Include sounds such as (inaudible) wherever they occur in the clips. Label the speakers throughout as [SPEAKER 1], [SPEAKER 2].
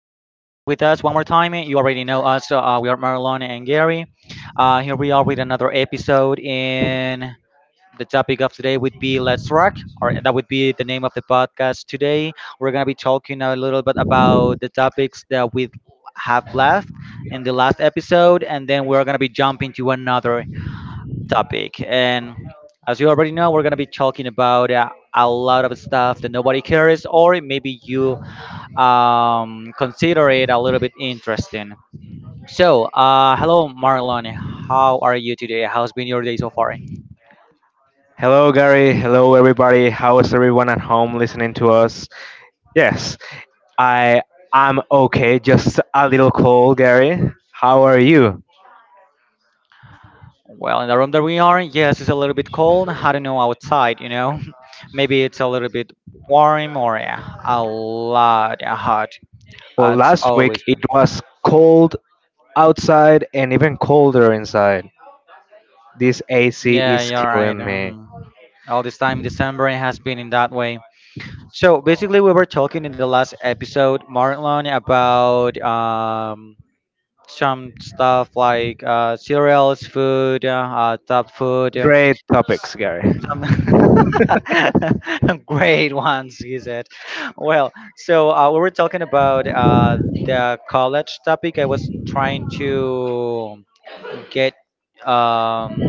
[SPEAKER 1] us one more time. You already know us. We are Marlon and Gary. Here we are with another episode. And the topic of today would be Let's Rock, or that would be the name of the podcast today. We're going to be talking a little bit about the topics that we have left in the last episode, and then we're going to be jumping to another topic. And as you already know, we're going to be talking about a lot of stuff that nobody cares, or maybe you consider it a little bit interesting. So, hello, Marlon. How are you today? How's been your day so far?
[SPEAKER 2] Hello, Gary. Hello, everybody. How is everyone at home listening to us? Yes, I I'm okay. Just a little cold, Gary. How are you?
[SPEAKER 1] Well, in the room that we are, yes, it's a little bit cold. I don't know outside, (laughs) Maybe it's a little bit warm or a lot, yeah, hot.
[SPEAKER 2] Well,
[SPEAKER 1] It's
[SPEAKER 2] last week
[SPEAKER 1] always
[SPEAKER 2] it
[SPEAKER 1] been.
[SPEAKER 2] was cold outside and even colder inside. This AC
[SPEAKER 1] Yeah,
[SPEAKER 2] is
[SPEAKER 1] you're right.
[SPEAKER 2] killing me.
[SPEAKER 1] Mhm. All this time, December it has been in that way. So basically, we were talking in the last episode, Marlon, about um, some stuff like cereals, food, top food,
[SPEAKER 2] Great topics, Gary.
[SPEAKER 1] some (laughs) great ones, he said. Well, so we were talking about the college topic. I was trying get um,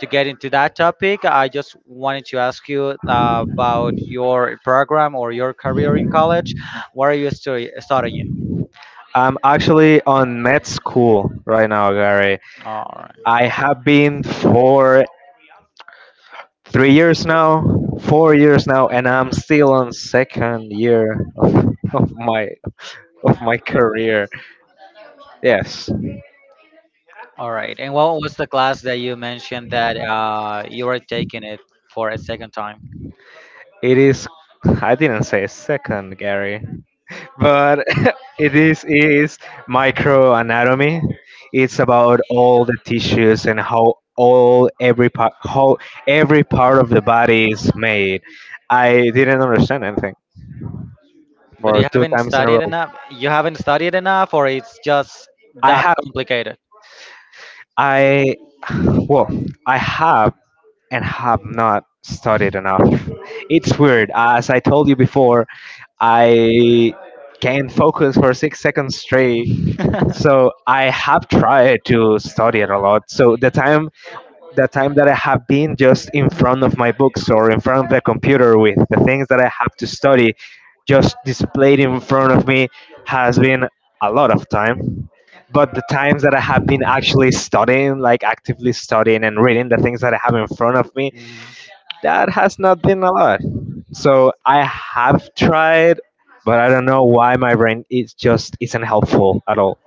[SPEAKER 1] to get into that topic. I just wanted to ask you about your program or your career in college. What are you studying?
[SPEAKER 2] I'm actually on med school right now, Gary.
[SPEAKER 1] All right.
[SPEAKER 2] I have been for 3 years now, 4 years now, and I'm still on second year of my of my career. Yes,
[SPEAKER 1] All right. And what was the class that you mentioned that you were taking it for a second time?
[SPEAKER 2] it is. I didn't say second, Gary, but (laughs) it is microanatomy. It's about all the tissues and how all every part how every part of the body is made. I didn't understand anything
[SPEAKER 1] But
[SPEAKER 2] for
[SPEAKER 1] you
[SPEAKER 2] two
[SPEAKER 1] haven't
[SPEAKER 2] times in a
[SPEAKER 1] studied
[SPEAKER 2] row.
[SPEAKER 1] enough. You haven't studied enough, or it's just
[SPEAKER 2] I
[SPEAKER 1] that
[SPEAKER 2] have
[SPEAKER 1] complicated.
[SPEAKER 2] I (sighs) well, I have not studied enough. It's weird. As I told you before, I can't focus for 6 seconds straight. So
[SPEAKER 1] (laughs)
[SPEAKER 2] I have tried to study it a lot. So the time that I have been just in front of my books or in front of the computer with the things that I have to study just displayed in front of me has been a lot of time. But the times that I have been actually studying, like actively studying and reading the things that I have in front of me,
[SPEAKER 1] Mhm.
[SPEAKER 2] that has not been a lot. So I have tried, but I don't know why my brain is just isn't helpful at all.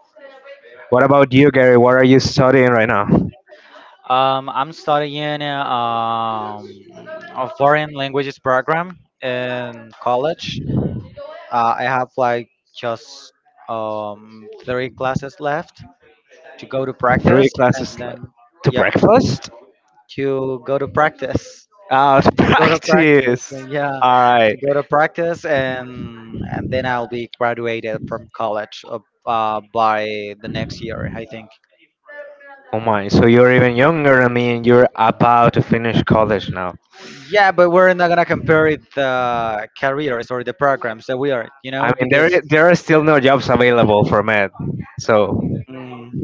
[SPEAKER 2] What about you, Gary? What are you studying right now?
[SPEAKER 1] I'm studying a foreign languages program in college. I have like just three classes left to go to
[SPEAKER 2] Three
[SPEAKER 1] practice, and
[SPEAKER 2] classes like
[SPEAKER 1] then
[SPEAKER 2] to
[SPEAKER 1] yeah,
[SPEAKER 2] breakfast?
[SPEAKER 1] to go to practice,
[SPEAKER 2] Oh, to (laughs)
[SPEAKER 1] (laughs) to go to practice,
[SPEAKER 2] practice.
[SPEAKER 1] yeah,
[SPEAKER 2] All right.
[SPEAKER 1] to go to practice, and then I'll be graduated from college by the next year, I think.
[SPEAKER 2] Oh my. So you're even younger. I mean, you're about to finish college now.
[SPEAKER 1] Yeah, but we're not gonna compare it the careers or the programs that we are, you
[SPEAKER 2] I
[SPEAKER 1] know,
[SPEAKER 2] mean, there
[SPEAKER 1] because
[SPEAKER 2] i- there are still no jobs available for med. So
[SPEAKER 1] mm,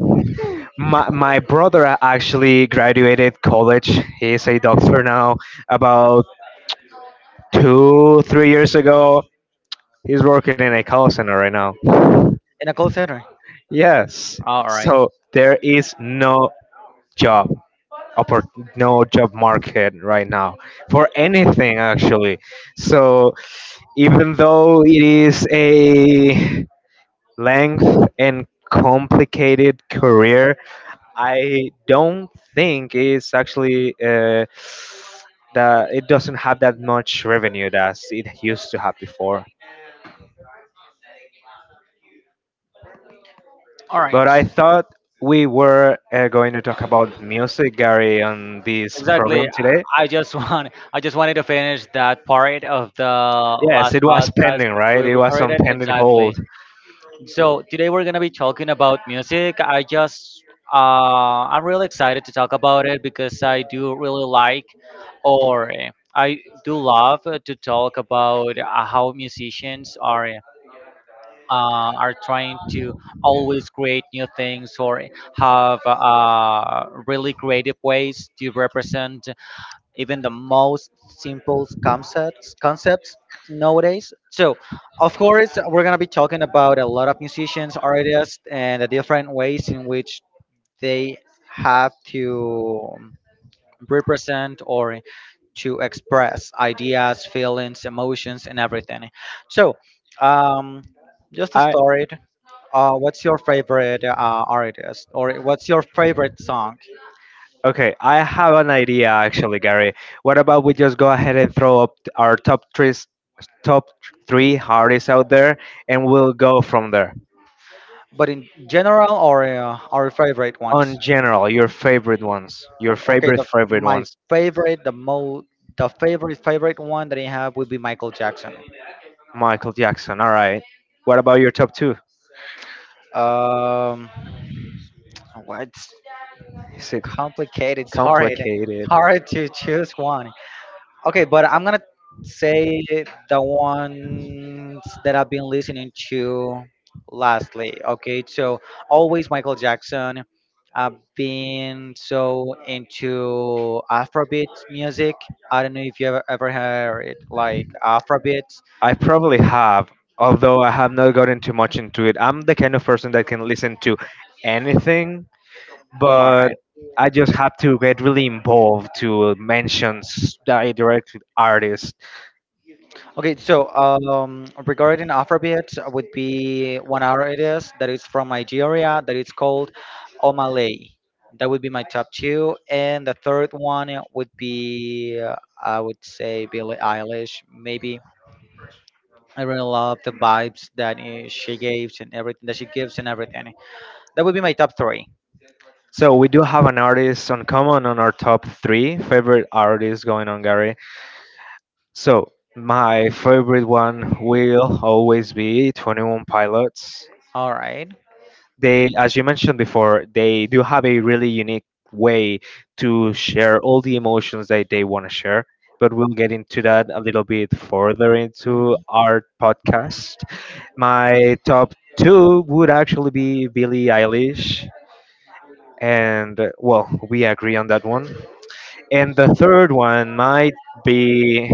[SPEAKER 2] my brother actually graduated college. He's a doctor now. About 2 3 years ago, he's working in a call center right now.
[SPEAKER 1] in a call center.
[SPEAKER 2] Yes.
[SPEAKER 1] All right,
[SPEAKER 2] So there is job oppor- no job market right now for anything, actually. So even though it is a length and complicated career, I don't think it's actually that it doesn't have that much revenue as it used to have before.
[SPEAKER 1] all right,
[SPEAKER 2] But I thought we were going to talk about music, Gary, on this
[SPEAKER 1] exactly.
[SPEAKER 2] program today.
[SPEAKER 1] I just (laughs) want, I just wanted to finish that part of the
[SPEAKER 2] Yes,
[SPEAKER 1] last
[SPEAKER 2] it was
[SPEAKER 1] podcast
[SPEAKER 2] pending,
[SPEAKER 1] that
[SPEAKER 2] right?
[SPEAKER 1] we
[SPEAKER 2] It was on
[SPEAKER 1] recorded.
[SPEAKER 2] pending
[SPEAKER 1] Exactly.
[SPEAKER 2] hold.
[SPEAKER 1] So today we're gonna be talking about music. Uh, I'm really excited to talk about it because I do really like, or I do love to talk about how musicians are trying to always create new things or have really creative ways to represent even the most simple concepts nowadays. So, of course, we're gonna be talking about a lot of musicians, artists, and the different ways in which they have to represent or to express ideas, feelings, emotions, and everything. So, um, just to
[SPEAKER 2] I
[SPEAKER 1] start, what's your favorite artist or what's your favorite song?
[SPEAKER 2] Okay, I have an idea actually, Gary. What about we just go ahead and throw up our top three hardest out there, and we'll go from there.
[SPEAKER 1] But in general, or our favorite ones?
[SPEAKER 2] On general, your favorite ones, your
[SPEAKER 1] Okay,
[SPEAKER 2] favorite
[SPEAKER 1] the,
[SPEAKER 2] favorite
[SPEAKER 1] my
[SPEAKER 2] ones.
[SPEAKER 1] favorite, the favorite favorite one that I have would be Michael Jackson.
[SPEAKER 2] Michael Jackson. All right. What about your top two?
[SPEAKER 1] Um, what's
[SPEAKER 2] Is it
[SPEAKER 1] complicated? It's hard. It's
[SPEAKER 2] complicated?
[SPEAKER 1] hard to choose one. Okay, but I'm gonna say the ones that I've been listening to lastly. Okay, so always Michael Jackson. I've been so into Afrobeat music. I don't know if you ever heard like Afrobeat.
[SPEAKER 2] I probably have, although I have not gotten too much into it. I'm the kind of person that can listen to anything,
[SPEAKER 1] All
[SPEAKER 2] but
[SPEAKER 1] right.
[SPEAKER 2] I just have to get really involved to mention direct artists.
[SPEAKER 1] Okay, so regarding Afrobeat, would be one hour it is that is from Nigeria that is called Omalay. That would be my top two, and the third one would be I would say Billie Eilish. Maybe I really love the vibes that she gives and everything that she gives and everything. That would be my top three.
[SPEAKER 2] So we do have an artist on common on our top three favorite artists going on, Gary. So my favorite one will always be 21 Pilots.
[SPEAKER 1] All right.
[SPEAKER 2] They, as you mentioned before, they do have a really unique way to share all the emotions that they want to share, but we'll get into that a little bit further into
[SPEAKER 1] Mhm.
[SPEAKER 2] our podcast. My top two would actually be Billie Eilish, and well, we agree on that one. And the third one might be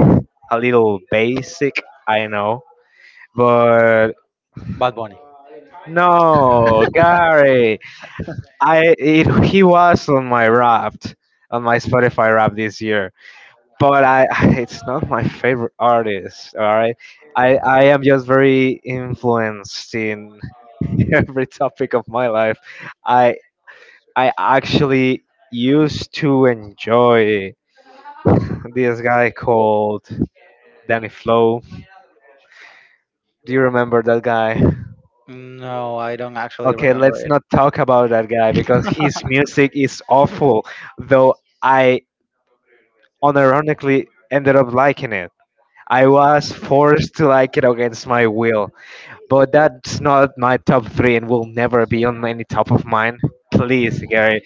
[SPEAKER 2] a little basic, I know, but
[SPEAKER 1] Bad Bunny.
[SPEAKER 2] no, Gary. I It, he was on my Wrapped, on my Spotify Wrapped this year, but I (laughs) it's not my favorite artist. All right, I am just very influenced in (laughs) every topic of my life. I I actually used to enjoy (laughs) this guy called Danny Flow. Do you remember that guy?
[SPEAKER 1] No, I don't actually
[SPEAKER 2] Okay,
[SPEAKER 1] remember
[SPEAKER 2] let's
[SPEAKER 1] it.
[SPEAKER 2] not talk about that guy because his music is awful. Though I unironically ended up liking it. I was forced to like it against my will, but that's not my top three and will never be on any top of mine. Please, Gary.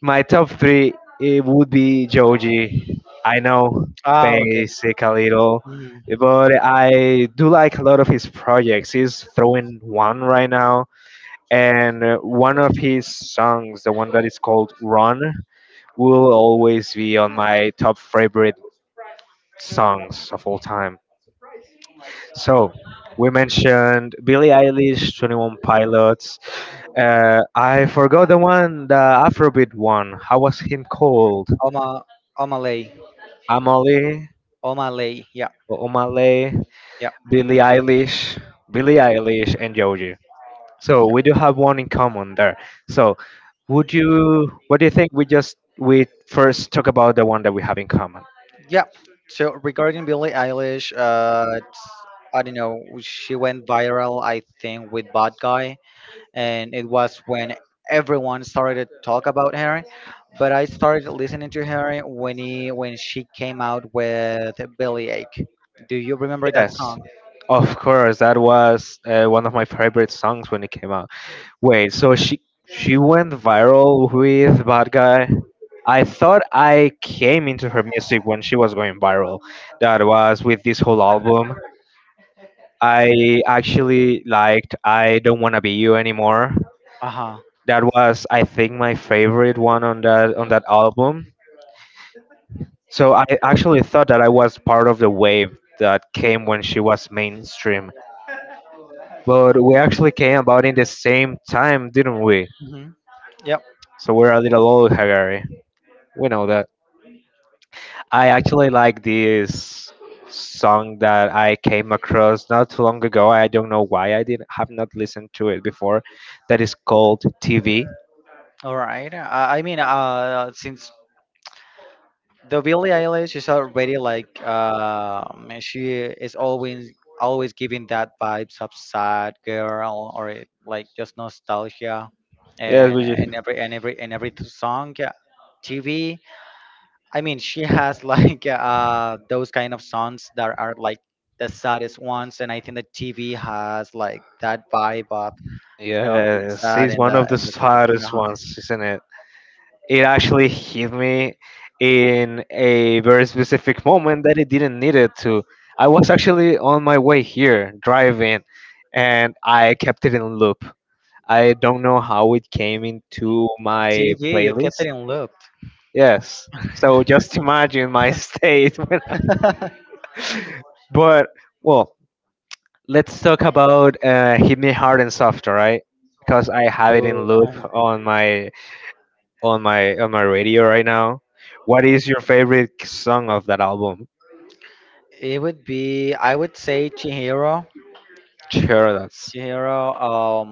[SPEAKER 2] My top three, it would be Joji. I know,
[SPEAKER 1] Ah, okay.
[SPEAKER 2] basic a little,
[SPEAKER 1] Mm.
[SPEAKER 2] but I do like a lot of his projects. He's throwing one right now, and one of his songs, the one that is called Run, will always be on my top favorite songs of all time. So we mentioned Billie Eilish, 21 Pilots. I forgot the one, the Afrobeat one. How was him called?
[SPEAKER 1] Oma Omalay.
[SPEAKER 2] Amale,
[SPEAKER 1] O'Malley. Yeah,
[SPEAKER 2] Omale,
[SPEAKER 1] yeah,
[SPEAKER 2] Billie Eilish, Billie Eilish, and Joji. So we do have one in common there. So would you? What do you think? We just we first talk about the one that we have in common.
[SPEAKER 1] yeah. So regarding Billie Eilish, I don't know. She went viral, I think, with Bad Guy, and it was when everyone started to talk about her. But I started listening to her when she came out with Billy Ache. Do you remember that
[SPEAKER 2] Yes.
[SPEAKER 1] song?
[SPEAKER 2] Of course, that was one of my favorite songs when it came out. Wait, so she went viral with Bad Guy? I thought I came into her music when she was going viral. That was with this whole album. I actually liked I Don't Wanna Be You Anymore.
[SPEAKER 1] Uh huh.
[SPEAKER 2] That was I think my favorite one on that album. So I actually thought that I was part of the wave that came when she was mainstream. But we actually came about in the same time, didn't we?
[SPEAKER 1] Mm-hmm. Yep.
[SPEAKER 2] So we're a little old, Hagari. We know that. I actually like this song that I came across not too long ago. I don't know why I didn't have not listened to it before. That is called TV.
[SPEAKER 1] All right. I mean, since the Billie Eilish is already like she is always giving that vibes of sad girl or it, like just nostalgia,
[SPEAKER 2] Yes,
[SPEAKER 1] and and every and every and every t- song, yeah, TV. I mean, she has (laughs) like those kind of songs that are like the saddest ones, and I think the TV has like that vibe of being
[SPEAKER 2] Yes,
[SPEAKER 1] sad
[SPEAKER 2] it's
[SPEAKER 1] and
[SPEAKER 2] one
[SPEAKER 1] the
[SPEAKER 2] of the
[SPEAKER 1] and the type of thing.
[SPEAKER 2] saddest
[SPEAKER 1] Uh-huh.
[SPEAKER 2] ones, isn't it? It actually hit me in a very specific moment that it didn't need it to. I was actually on my way here driving and I kept it in loop. I don't know how it came into my
[SPEAKER 1] TV, you
[SPEAKER 2] playlist.
[SPEAKER 1] kept it in loop.
[SPEAKER 2] Yes. So just imagine my state. (laughs) When I- but
[SPEAKER 1] (laughs)
[SPEAKER 2] well, let's talk about Hit Me Hard and Soft, alright? Because I have it in
[SPEAKER 1] Oh,
[SPEAKER 2] loop on my on my radio right now. What is your favorite song of that album?
[SPEAKER 1] it would be, I would say Chihiro.
[SPEAKER 2] Sure, that's
[SPEAKER 1] Chihiro,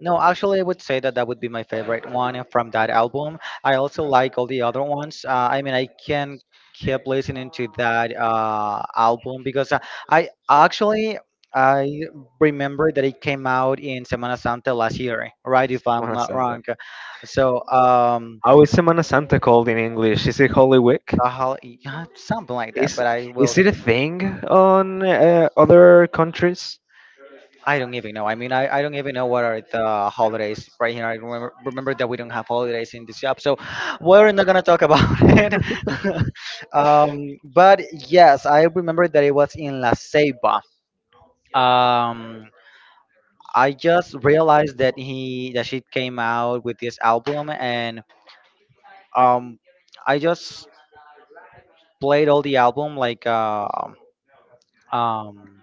[SPEAKER 1] no, actually, I would say that that would be my favorite one from that album. I also like all the other ones. I mean, I can keep listening to that album because I actually I remember that it came out in Semana Santa last year, right? If I'm
[SPEAKER 2] Semana
[SPEAKER 1] not
[SPEAKER 2] Santa.
[SPEAKER 1] wrong. So,
[SPEAKER 2] How is Semana Santa called in English? Is it Holy Week?
[SPEAKER 1] the yeah, something like that,
[SPEAKER 2] Is
[SPEAKER 1] but I will
[SPEAKER 2] is it a thing on other countries
[SPEAKER 1] I don't even know. I mean, I don't even know what are the holidays right here. Remember that we don't have holidays in this job, so we're not gonna talk about (laughs) it. (laughs) But yes, I remember that it was in La Ceiba. Um, I just realized that he that she came out with this album, and um, I just played all the album like um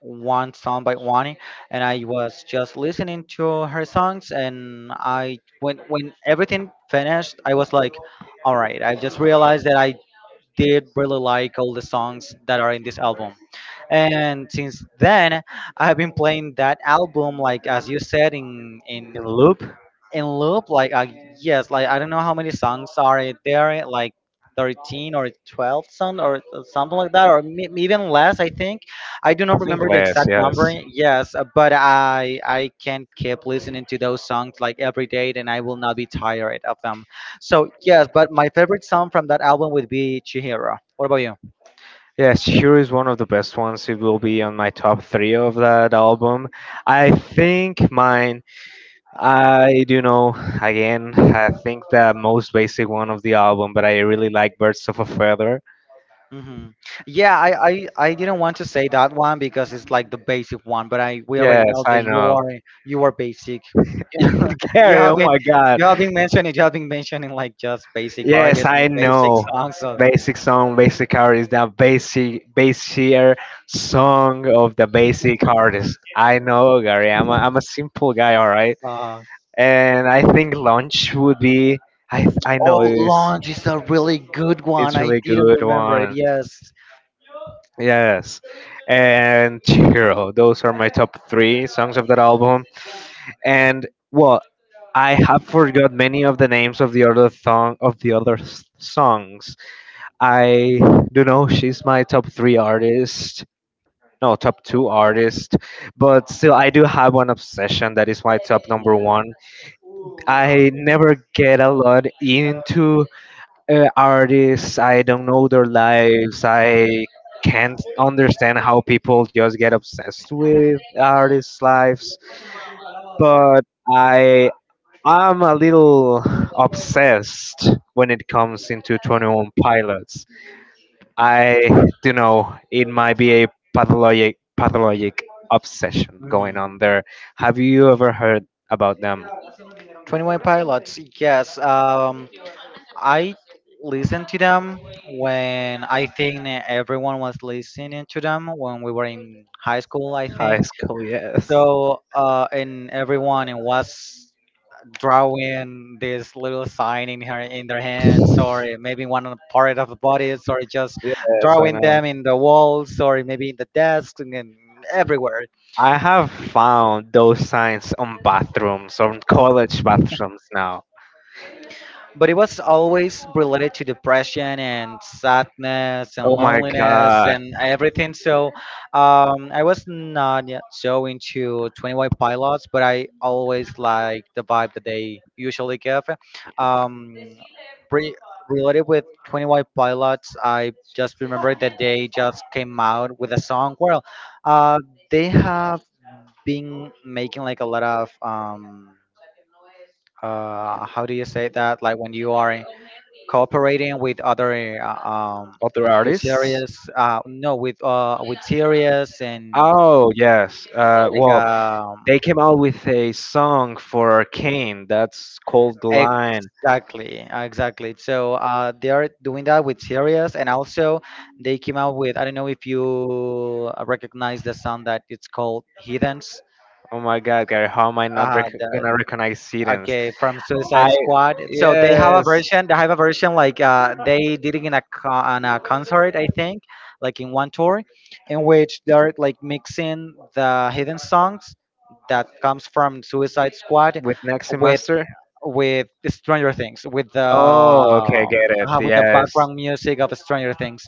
[SPEAKER 1] one song by Wani, and I was just listening to her songs. And I when everything finished, I was like, all right, I just realized that I did really like all the songs that are in this album. And since then, I have been playing that album, like as you said,
[SPEAKER 2] in loop?
[SPEAKER 1] in loop like yes, like I don't know how many songs are there, like 13 or 12 songs, or something like that, or even less, I think. I do
[SPEAKER 2] I
[SPEAKER 1] not
[SPEAKER 2] think
[SPEAKER 1] remember the
[SPEAKER 2] less,
[SPEAKER 1] exact number,
[SPEAKER 2] yes.
[SPEAKER 1] yes, but I can keep listening to those songs like every day and I will not be tired of them. So yes, but my favorite song from that album would be Chihiro. What about you?
[SPEAKER 2] Yes, Here is one of the best ones. It will be on my top three of that album. I think mine, I do know, again, I think the most basic one of the album, but I really like Birds of a Feather.
[SPEAKER 1] Hmm. Yeah, I didn't want to say that one because it's like the basic one, but I we already
[SPEAKER 2] Yes,
[SPEAKER 1] know
[SPEAKER 2] I
[SPEAKER 1] that
[SPEAKER 2] know.
[SPEAKER 1] you are basic.
[SPEAKER 2] (laughs)
[SPEAKER 1] You
[SPEAKER 2] Gary,
[SPEAKER 1] have
[SPEAKER 2] oh
[SPEAKER 1] been,
[SPEAKER 2] my god.
[SPEAKER 1] you have been mentioning, you have been mentioning like just basic
[SPEAKER 2] Yes,
[SPEAKER 1] artists and
[SPEAKER 2] I
[SPEAKER 1] basic
[SPEAKER 2] know.
[SPEAKER 1] songs of
[SPEAKER 2] Basic song, basic artist, the basic, basier song of the basic artist. I know, Gary. I'm a simple guy, all right?
[SPEAKER 1] uh,
[SPEAKER 2] And I think lunch would be. I know
[SPEAKER 1] oh, launch is a really good one,
[SPEAKER 2] it's
[SPEAKER 1] I
[SPEAKER 2] really
[SPEAKER 1] didn't
[SPEAKER 2] good
[SPEAKER 1] remember it.
[SPEAKER 2] one.
[SPEAKER 1] Yes,
[SPEAKER 2] Yes, and Chiro. Those are my top three songs of that album. And well, I have forgot many of the names of the other song of the songs. I do know she's my top three artist. No, top two artist, but still, I do have one obsession that is my top number
[SPEAKER 1] yeah,
[SPEAKER 2] one. I never get a lot into artists. I don't know their lives. I can't understand how people just get obsessed with artists' lives. But I am a little obsessed when it comes into 21 Pilots. I do know it might be a pathologic obsession going on
[SPEAKER 1] mm-hmm.
[SPEAKER 2] there. Have you ever heard about them?
[SPEAKER 1] 21 Pilots, yes. I listened to them when I think everyone was listening to them when we were in high school, I
[SPEAKER 2] High
[SPEAKER 1] think.
[SPEAKER 2] school, yes.
[SPEAKER 1] So and everyone and was drawing this little sign in her, in their hands, or maybe one on part of the bodies, or just
[SPEAKER 2] Yes, I
[SPEAKER 1] drawing
[SPEAKER 2] know.
[SPEAKER 1] them in the walls, or maybe in the desks, and then everywhere.
[SPEAKER 2] I have found those signs on bathrooms, on college bathrooms now.
[SPEAKER 1] But it was always related to depression and sadness and
[SPEAKER 2] Oh my
[SPEAKER 1] loneliness
[SPEAKER 2] god.
[SPEAKER 1] and everything. So I was not yet so into 21 Pilots, but I always like the vibe that they usually give. Um, re- Related with 21 Pilots, I just remember that they just came out with a song. Well, uh, they have been making like a lot of. How do you say that? Like when you are cooperating with other
[SPEAKER 2] Other
[SPEAKER 1] with
[SPEAKER 2] artists?
[SPEAKER 1] serious no with with serious and
[SPEAKER 2] Oh, yes.
[SPEAKER 1] like
[SPEAKER 2] Well, they came out with a song for Kane that's called The Line.
[SPEAKER 1] exactly, exactly. So they are doing that with serious and also they came out with I don't know if you recognize the song that it's called Heathens.
[SPEAKER 2] Oh my god, Gary, how am I not
[SPEAKER 1] Uh, the,
[SPEAKER 2] gonna recognize Sidens?
[SPEAKER 1] Okay, from
[SPEAKER 2] I,
[SPEAKER 1] Suicide Squad. So they have a
[SPEAKER 2] yes,
[SPEAKER 1] version. They have a version like they did it in a on a concert, I think, like in one tour, in which they're like mixing the hidden songs that comes from Suicide Squad
[SPEAKER 2] with next
[SPEAKER 1] with
[SPEAKER 2] semester?
[SPEAKER 1] with the Stranger Things,
[SPEAKER 2] Oh, okay, get it.
[SPEAKER 1] with the
[SPEAKER 2] Yes,
[SPEAKER 1] background music of Stranger Things,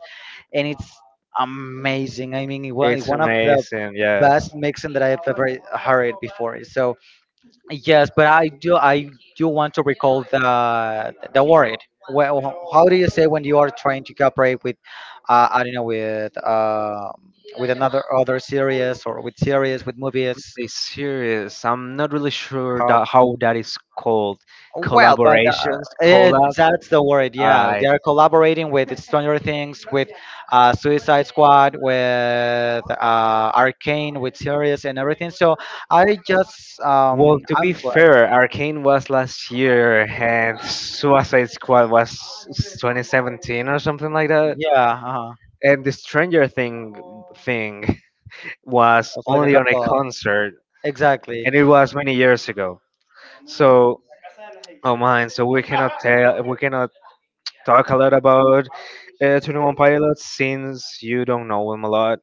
[SPEAKER 1] and it's amazing. I mean, it
[SPEAKER 2] it's
[SPEAKER 1] one of the
[SPEAKER 2] amazing.
[SPEAKER 1] best
[SPEAKER 2] Yes.
[SPEAKER 1] mixing that I've ever heard before. So yes, but I do want to recall the word. Well, how do you say when you are trying to cooperate with, I don't know, with another other series or with series with movies?
[SPEAKER 2] They serious. I'm not really sure
[SPEAKER 1] Cop.
[SPEAKER 2] that how that is called.
[SPEAKER 1] Well, but
[SPEAKER 2] Collaborations, collabs.
[SPEAKER 1] that's the word.
[SPEAKER 2] All
[SPEAKER 1] Yeah, they
[SPEAKER 2] right.
[SPEAKER 1] are collaborating with Stranger Things, with Suicide Squad, with Arcane, with series and everything. So I just
[SPEAKER 2] Well, to be
[SPEAKER 1] I'm glad.
[SPEAKER 2] fair, Arcane was last year, and Suicide Squad was 2017 or something like that.
[SPEAKER 1] Yeah, uh-huh.
[SPEAKER 2] And the Stranger Thing (laughs) was
[SPEAKER 1] Also like a
[SPEAKER 2] only on a
[SPEAKER 1] couple.
[SPEAKER 2] concert,
[SPEAKER 1] Exactly.
[SPEAKER 2] and it was many years ago. So, oh man, so we cannot talk a lot about 21 Pilots since you don't know them a lot.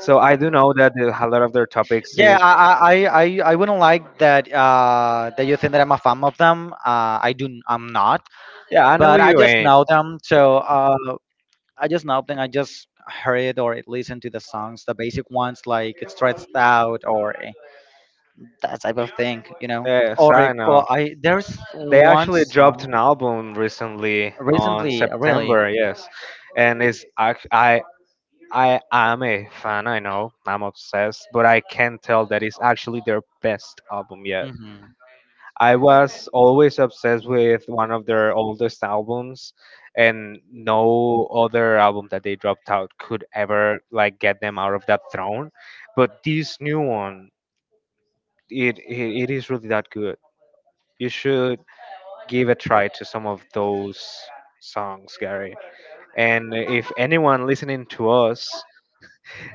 [SPEAKER 2] So I do know that a lot of their topics is.
[SPEAKER 1] Yeah, I I wouldn't like that that you think that I'm a fan of them. I do. I'm not.
[SPEAKER 2] Yeah, I know
[SPEAKER 1] But I
[SPEAKER 2] you
[SPEAKER 1] just
[SPEAKER 2] ain't.
[SPEAKER 1] know them, so I just know them. I just heard or listened to the songs, the basic ones like "Stressed Out" or that type of thing.
[SPEAKER 2] Yes,
[SPEAKER 1] Or a
[SPEAKER 2] I know.
[SPEAKER 1] clo- I there's
[SPEAKER 2] They
[SPEAKER 1] one
[SPEAKER 2] actually dropped
[SPEAKER 1] song
[SPEAKER 2] an album recently on
[SPEAKER 1] recently, really.
[SPEAKER 2] September. Yes, and it's ac- I am a fan. I know I'm obsessed, but I can tell that it's actually their best album yet.
[SPEAKER 1] Hmm.
[SPEAKER 2] I was always obsessed with one of their oldest albums, and no other album that they dropped out could ever like get them out of that throne. But this new one, it is really that good. You should give a try to some of those songs, Gary. And if anyone listening to us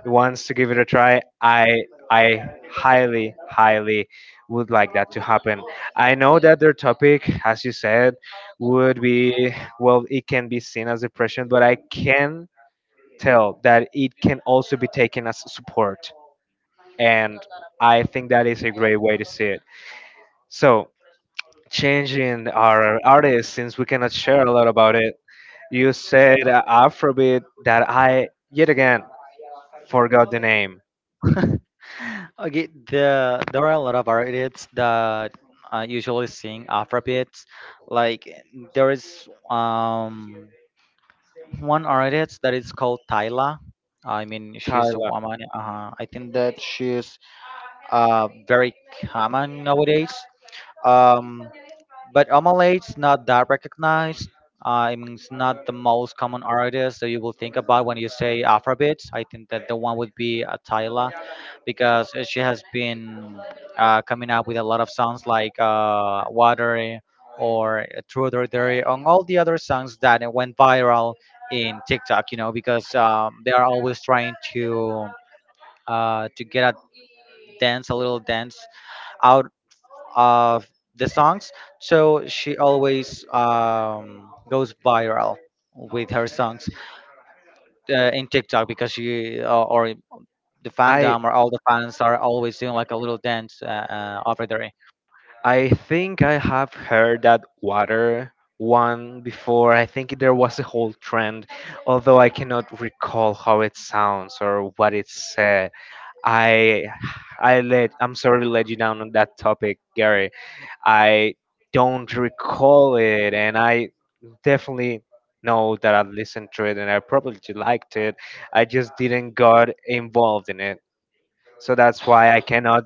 [SPEAKER 2] wants to give it a try, I highly would like that to happen. I know that their topic, as you said, would be, well, it can be seen as depression, but I can tell that it can also be taken as support, and I think that is a great way to see it. So changing our artists since we cannot share a lot about it. You said Afrobeat that I yet again forgot the name.
[SPEAKER 1] Okay, there are a lot of artists that I usually sing Afrobeats. Like there is one artist that is called Tyla. I mean, she's a
[SPEAKER 2] Tyler.
[SPEAKER 1] woman. I think that she's very common nowadays. Um, but Omalate's not that recognized. I mean, it's not the most common artist that you will think about when you say Afrobeats. I think that the one would be a Tyla because she has been coming up with a lot of songs like Water or True or Dare on all the other songs that went viral in TikTok, you know, because they are always trying to get a dance, a little dance out of the songs. So she always goes viral with her songs in TikTok because she or the
[SPEAKER 2] I
[SPEAKER 1] fandom or all the fans are always doing like a little dance over there.
[SPEAKER 2] I think I have heard that water one before. I think there was a whole trend, although I cannot recall how it sounds or what it said. I I'm sorry to let you down on that topic, Gary. I don't recall it, and I definitely know that I listened to it and I probably liked it. I just didn't got involved in it. So that's why I cannot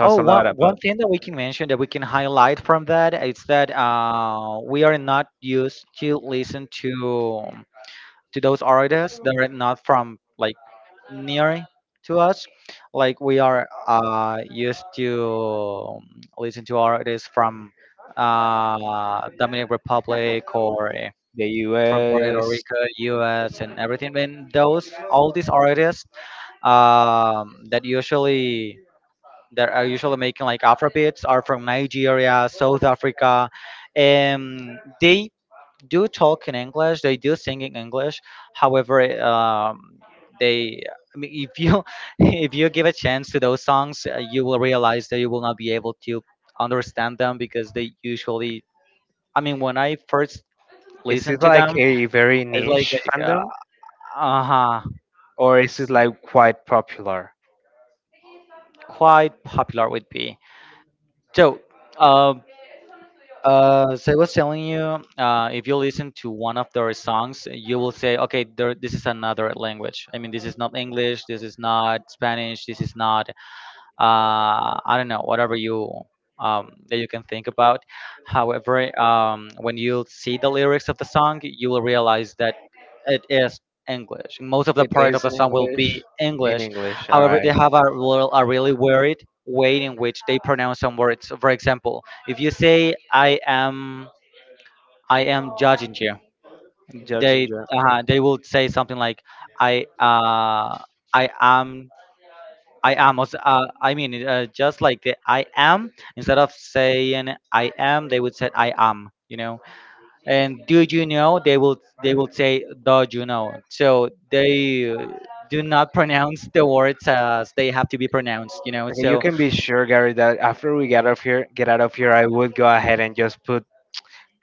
[SPEAKER 1] Oh,
[SPEAKER 2] a
[SPEAKER 1] one
[SPEAKER 2] lot
[SPEAKER 1] one
[SPEAKER 2] about
[SPEAKER 1] thing that we can mention that we can highlight from that is that we are not used to listen to those artists that are not from like near to us. Like we are used to listen to artists from Dominican Republic or
[SPEAKER 2] the
[SPEAKER 1] from Puerto
[SPEAKER 2] US.
[SPEAKER 1] Rico, U.S. and everything. And those all these artists um, that usually that are usually making like Afrobeats are from Nigeria, South Africa, and they do talk in English. They do sing in English. However, they I mean, if you (laughs) if you give a chance to those songs, you will realize that you will not be able to understand them because they usually. I mean, when I first
[SPEAKER 2] Is
[SPEAKER 1] listened
[SPEAKER 2] it
[SPEAKER 1] to
[SPEAKER 2] like
[SPEAKER 1] them,
[SPEAKER 2] a very
[SPEAKER 1] it's
[SPEAKER 2] niche
[SPEAKER 1] like
[SPEAKER 2] fandom
[SPEAKER 1] uh huh,
[SPEAKER 2] or is it
[SPEAKER 1] it's
[SPEAKER 2] like quite popular?
[SPEAKER 1] quite popular with me. So, uh, so I was telling you, if you listen to one of their songs, you will say, okay, this is another language. I mean, this is not English, this is not Spanish, this is not I don't know, whatever you that you can think about. However, when you see the lyrics of the song, you will realize that it is English. Most of the
[SPEAKER 2] It
[SPEAKER 1] part of
[SPEAKER 2] is
[SPEAKER 1] the
[SPEAKER 2] in
[SPEAKER 1] song will
[SPEAKER 2] English.
[SPEAKER 1] be
[SPEAKER 2] In
[SPEAKER 1] English.
[SPEAKER 2] English, all
[SPEAKER 1] However, they
[SPEAKER 2] right.
[SPEAKER 1] have a really weird way in which they pronounce some words. For example, if you say I am judging you.
[SPEAKER 2] Judge and Joe.
[SPEAKER 1] They will say something like "I uh, I am." I am. I mean, just like the I am, instead of saying I am, they would say I am. You know, and do you know? They will. They will say do you know. So they do not (laughs) pronounce the words as they have to be pronounced. You know.
[SPEAKER 2] Okay, you
[SPEAKER 1] So
[SPEAKER 2] can be sure, Gary, that after we get off here, get out of here, I would go ahead and just put.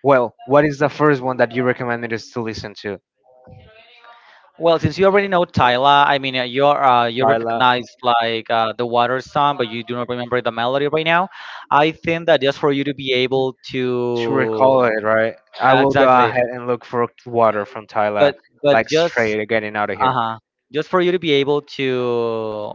[SPEAKER 2] Well, what is the first one that you recommended us to listen to?
[SPEAKER 1] well, since you already know Tyla, I mean, you're you
[SPEAKER 2] Tyler
[SPEAKER 1] recognize like the water song, but you do not remember the melody right now. I think that just for you to be able
[SPEAKER 2] to recall
[SPEAKER 1] to
[SPEAKER 2] it, right? I will go
[SPEAKER 1] exactly,
[SPEAKER 2] ahead and look for water from Tyler,
[SPEAKER 1] but but
[SPEAKER 2] like
[SPEAKER 1] just
[SPEAKER 2] straight getting out of here.
[SPEAKER 1] uh-huh just for you to be able to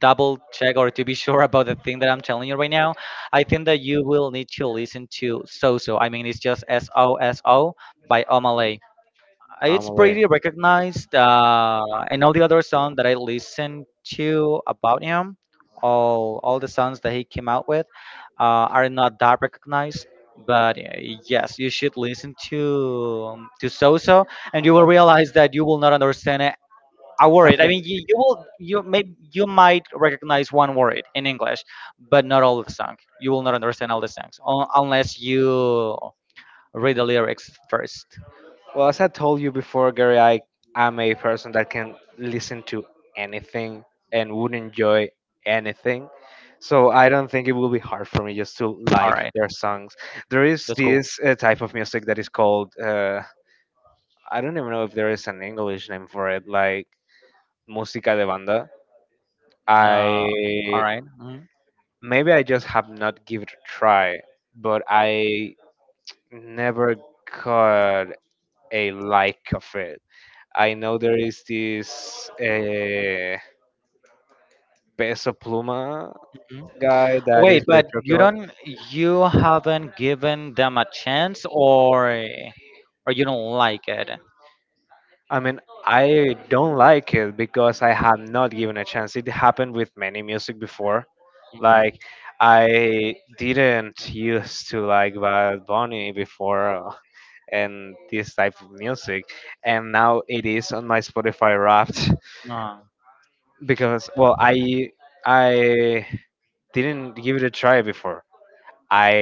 [SPEAKER 1] double check or to be (laughs) sure about the thing that I'm telling you right now. I think that you will need to listen to Soso. I mean, it's just Soso by omalay. It's
[SPEAKER 2] Amelie.
[SPEAKER 1] pretty recognized, and all the other songs that I listen to about him, all the songs that he came out with are not that recognized, but yes, you should listen to Soso, and you will realize that you will not understand a
[SPEAKER 2] I
[SPEAKER 1] word. I
[SPEAKER 2] think.
[SPEAKER 1] mean, you will you may you might recognize one word in English, but not all of the song. You will not understand all the songs unless you read the lyrics first.
[SPEAKER 2] Well, as I told you before, Gary, I am a person that can listen to anything and would enjoy anything. So I don't think it will be hard for me just to
[SPEAKER 1] All
[SPEAKER 2] like
[SPEAKER 1] right,
[SPEAKER 2] their songs. There is
[SPEAKER 1] that's cool.
[SPEAKER 2] this type of music that is called, I don't even know if there is an English name for it, like música de banda.
[SPEAKER 1] Uh, all
[SPEAKER 2] I
[SPEAKER 1] right. Mhm.
[SPEAKER 2] maybe I just have not give it a try, but I never got a like of it. I know there is this Peso Pluma
[SPEAKER 1] Mhm.
[SPEAKER 2] guy that
[SPEAKER 1] Wait,
[SPEAKER 2] is very
[SPEAKER 1] but you
[SPEAKER 2] popular.
[SPEAKER 1] don't you haven't given them a chance, or you don't like it?
[SPEAKER 2] I mean, I don't like it because I have not given a chance. It happened with many music before.
[SPEAKER 1] Mhm.
[SPEAKER 2] Like, I didn't used to like Bad Bunny before, and this type of music, and now it is on my Spotify Wrapped
[SPEAKER 1] Uh,
[SPEAKER 2] (laughs) because, well, I didn't give it a try before. I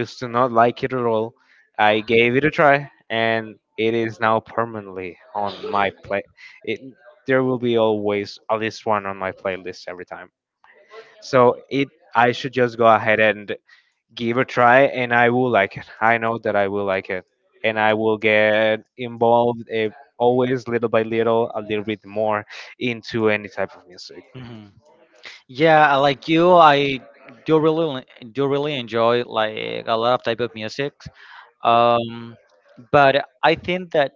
[SPEAKER 2] used to not like it at all. I gave it a try, and it is now permanently on my play. It, there will be always at least one on my playlist every time. So I should just go ahead and give a try, and I will like it. I know that I will like it, and I will get involved, always little by little, a little bit more into any type of music.
[SPEAKER 1] mhm. Yeah, like you, I do really do really enjoy like a lot of type of music. Um, but I think that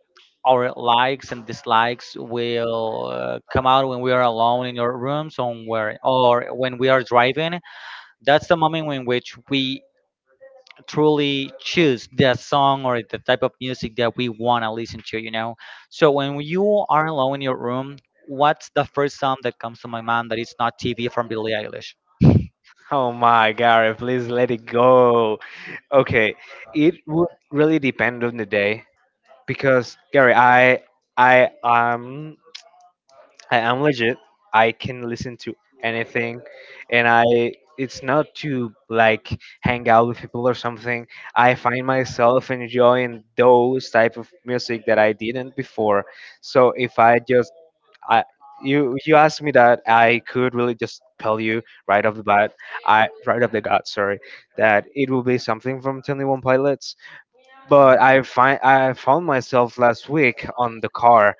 [SPEAKER 1] our likes and dislikes will come out when we are alone in your room somewhere or when we are driving. That's the moment in which we truly choose the song or the type of music that we want to listen to, you know. So when you are alone in your room, what's the first song that comes to my mind that is not TV from Billie Eilish?
[SPEAKER 2] Oh my God! Please let it go. Okay, it would really depend on the day because, Gary, I um I am legit. I can listen to anything, and I it's not to like hang out with people or something. I find myself enjoying those type of music that I didn't before. So if I just I you you asked me that I could really just tell you right off the bat, I right off the gut, sorry, that it will be something from 21 Pilots. But I found myself last week on the car.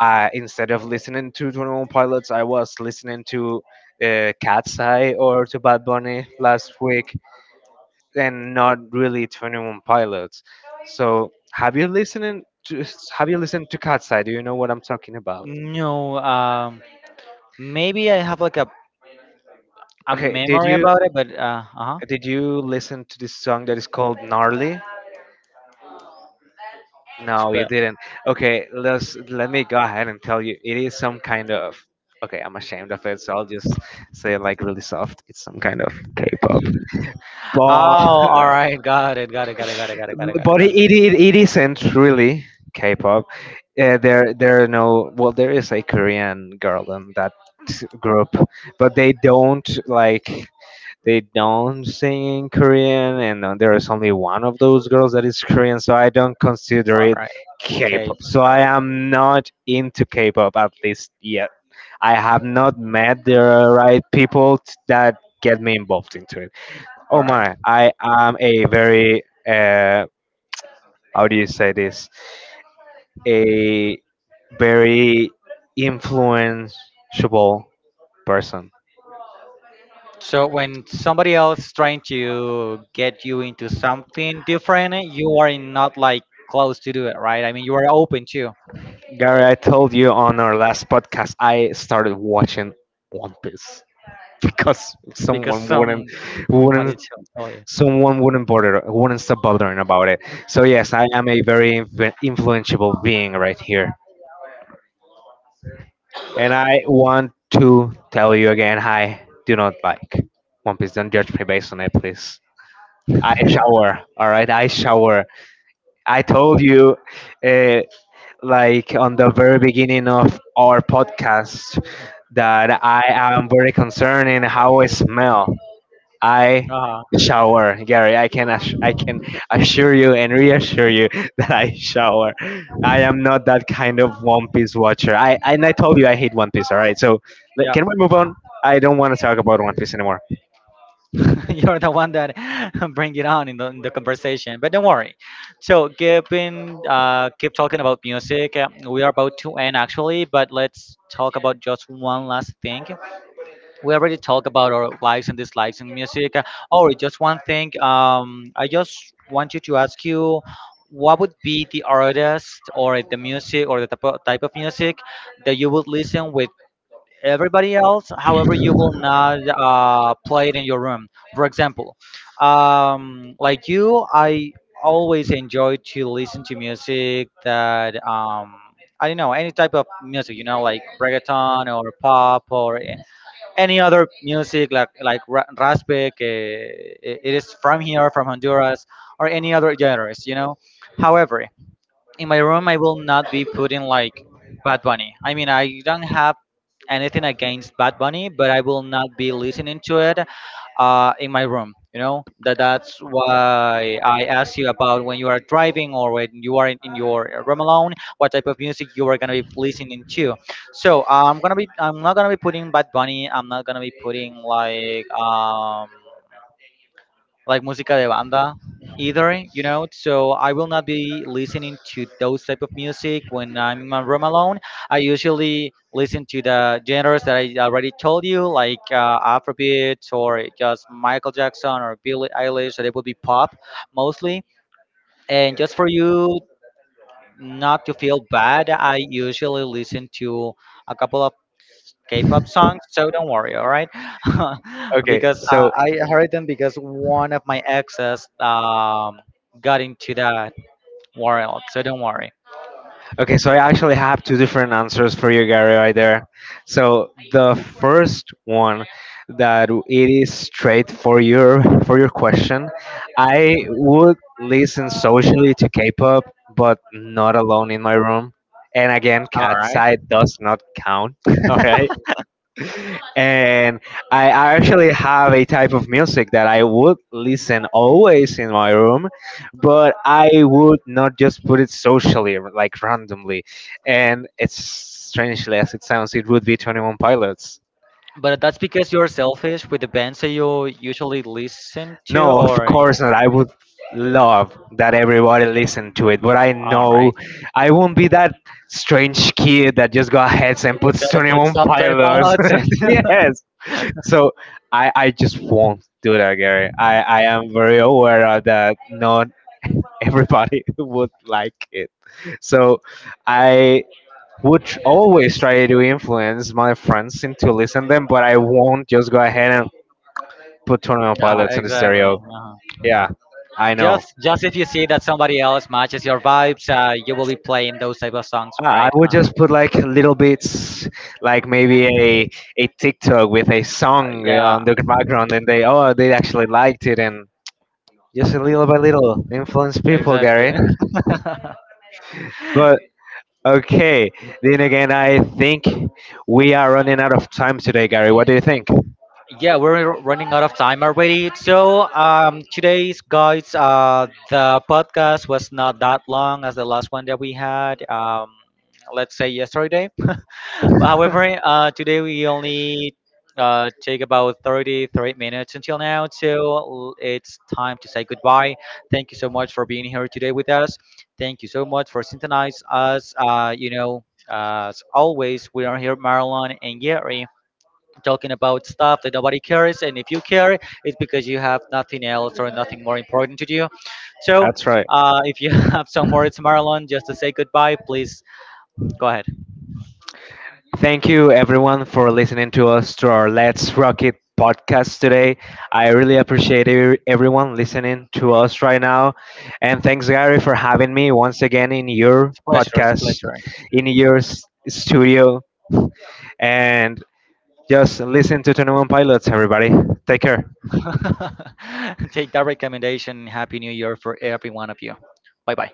[SPEAKER 2] I instead of listening to 21 Pilots, I was listening to Cat's Eye or to Bad Bunny last week, and not really 21 Pilots. So, have you listened to Cat's Eye? Do you know what I'm talking about?
[SPEAKER 1] No, maybe I have like a
[SPEAKER 2] Okay, did
[SPEAKER 1] memory
[SPEAKER 2] you
[SPEAKER 1] about it, but uh-huh.
[SPEAKER 2] did you listen to this song that is called Gnarly?
[SPEAKER 1] It's
[SPEAKER 2] No, you
[SPEAKER 1] be-
[SPEAKER 2] didn't. Okay, let me go ahead and tell you, it is some kind of, okay, I'm ashamed of it, so I'll just say it like really soft. It's some kind of K pop. But
[SPEAKER 1] Oh, all right, got it, got it, got it, got it, got it, got it, got it,
[SPEAKER 2] but
[SPEAKER 1] got
[SPEAKER 2] it,
[SPEAKER 1] it.
[SPEAKER 2] it it isn't really K pop. There are no, well, there is a Korean girl in that group, but they don't sing in Korean, and there is only one of those girls that is Korean, so I don't consider
[SPEAKER 1] All
[SPEAKER 2] it
[SPEAKER 1] right, okay,
[SPEAKER 2] K-pop. So I
[SPEAKER 1] K-pop.
[SPEAKER 2] am not into K-pop at least yet. I have not met the right people that get me involved into it.
[SPEAKER 1] All
[SPEAKER 2] Oh
[SPEAKER 1] right.
[SPEAKER 2] my, I am a very, how do you say this? A very influenceable person.
[SPEAKER 1] So when somebody else trying to get you into something different, you are not like close to do it, right? I mean, you are open too
[SPEAKER 2] Gary, I told you on our last podcast, I started watching One Piece (laughs) because
[SPEAKER 1] because
[SPEAKER 2] someone
[SPEAKER 1] somebody tell
[SPEAKER 2] wouldn't,
[SPEAKER 1] tell
[SPEAKER 2] wouldn't stop bothering about it. So yes, I am a very influenceable being right here, and I want to tell you again, I do not like One Piece. Don't judge me based on it, please.
[SPEAKER 1] you.
[SPEAKER 2] I shower, all right. I shower.
[SPEAKER 1] (laughs)
[SPEAKER 2] I told you, uh, like on the very beginning of our podcast, that I am very concerned in how I smell. I
[SPEAKER 1] Uh, huh.
[SPEAKER 2] shower, Gary. I can assure you and reassure you (laughs) that I shower. I am not that kind of One Piece watcher. I and I told you I hate One Piece. All right, so
[SPEAKER 1] Yeah,
[SPEAKER 2] can we move on? I don't want to talk about One Piece anymore.
[SPEAKER 1] (laughs) you're the one that (laughs) bring it on in in the conversation. But don't worry. So keep in keep talking about music. We are about to end actually, but let's talk about just one last thing. We already talked about our likes and dislikes in music. Oh, just one thing. I just want you to ask you, what would be the artist or the music or the type of music that you would listen with everybody else. However, you will not play it in your room. For example, like you, I always enjoy to listen to music that I don't know any type of music. You know, like reggaeton or pop or any other music like raspberry. It it is from here, from Honduras, or any other genres. You know. However, in my room I will not be putting like Bad Bunny. I mean, I don't have anything against Bad Bunny, but I will not be listening to it in my room. You know, that that's why I asked you about when you are driving or when you are in your room alone, what type of music you are gonna be listening to. So I'm not gonna be putting Bad Bunny. I'm not gonna be putting like música de banda either, you know. So I will not be listening to those type of music when I'm in my room alone. I usually listen to the genres that I already told you, like Afrobeat or just Michael Jackson or Billie Eilish. That it would be pop mostly. And just for you not to feel bad, I usually listen to a couple of K-pop songs, so don't worry, all right? (laughs)
[SPEAKER 2] Okay,
[SPEAKER 1] Because
[SPEAKER 2] so
[SPEAKER 1] I heard them because one of my exes got into that world, so don't worry,
[SPEAKER 2] Okay, so I actually have two different answers for you, Gary, right there. So the first one that it is straight for your question. I would listen socially to K-pop, but not alone in my room. And again,
[SPEAKER 1] all
[SPEAKER 2] cat
[SPEAKER 1] right?
[SPEAKER 2] side does not count. (laughs) All right.
[SPEAKER 1] (laughs)
[SPEAKER 2] And I actually have a type of music that I would listen always in my room, but I would not just put it socially, like randomly. And it's strangely as it sounds, it would be 21 Pilots.
[SPEAKER 1] But that's because you're selfish with the bands that you usually listen to,
[SPEAKER 2] No, of
[SPEAKER 1] or
[SPEAKER 2] course not. I would love that everybody listen to it, but I
[SPEAKER 1] all
[SPEAKER 2] know
[SPEAKER 1] right,
[SPEAKER 2] I won't be that strange kid that just go ahead
[SPEAKER 1] you
[SPEAKER 2] and
[SPEAKER 1] just got
[SPEAKER 2] puts
[SPEAKER 1] to put
[SPEAKER 2] 21
[SPEAKER 1] some 25
[SPEAKER 2] Pilots.
[SPEAKER 1] odds in.
[SPEAKER 2] (laughs) Yes. So I just won't do that, Gary. I am very aware of that not everybody (laughs) would like it. So I would always try to influence my friends into listen them, but I won't just go ahead and put Tournament
[SPEAKER 1] (laughs) Yeah,
[SPEAKER 2] Pilots in the
[SPEAKER 1] exactly.
[SPEAKER 2] stereo. Yeah, I know.
[SPEAKER 1] Just if you see that somebody else matches your vibes, you will be playing those type of songs,
[SPEAKER 2] I
[SPEAKER 1] right?
[SPEAKER 2] would just put like little bits, like maybe a TikTok with a song on
[SPEAKER 1] Yeah,
[SPEAKER 2] the background, and they, oh, they actually liked it, and just a little by little influence people,
[SPEAKER 1] exactly.
[SPEAKER 2] Gary.
[SPEAKER 1] (laughs)
[SPEAKER 2] But okay, then again, I think we are running out of time today, Gary. What do you think?
[SPEAKER 1] Yeah, we're running out of time already. So, today's guys, the podcast was not that long as the last one that we had. Let's say yesterday. But
[SPEAKER 2] (laughs)
[SPEAKER 1] however, today we only take about 33 minutes until now, so it's time to say goodbye. Thank you so much for being here today with us. Thank you so much for synthesizing us. You know, as always, we are here, Marilyn and Gary, talking about stuff that nobody cares, and if you care, it's because you have nothing else or nothing more important to do. So,
[SPEAKER 2] That's right.
[SPEAKER 1] if you (laughs) have some words, Marilyn, just to say goodbye, please go ahead.
[SPEAKER 2] Thank you, everyone, for listening to us, to our Let's Rock It podcast today. I really appreciate everyone listening to us right now. And thanks, Gary, for having me once again in your
[SPEAKER 1] It's a pleasure. It's a
[SPEAKER 2] podcast,
[SPEAKER 1] pleasure.
[SPEAKER 2] in your studio. And just listen to 21 Pilots, everybody. Take care.
[SPEAKER 1] (laughs) Take that recommendation. Happy New Year for every one of you. Bye bye.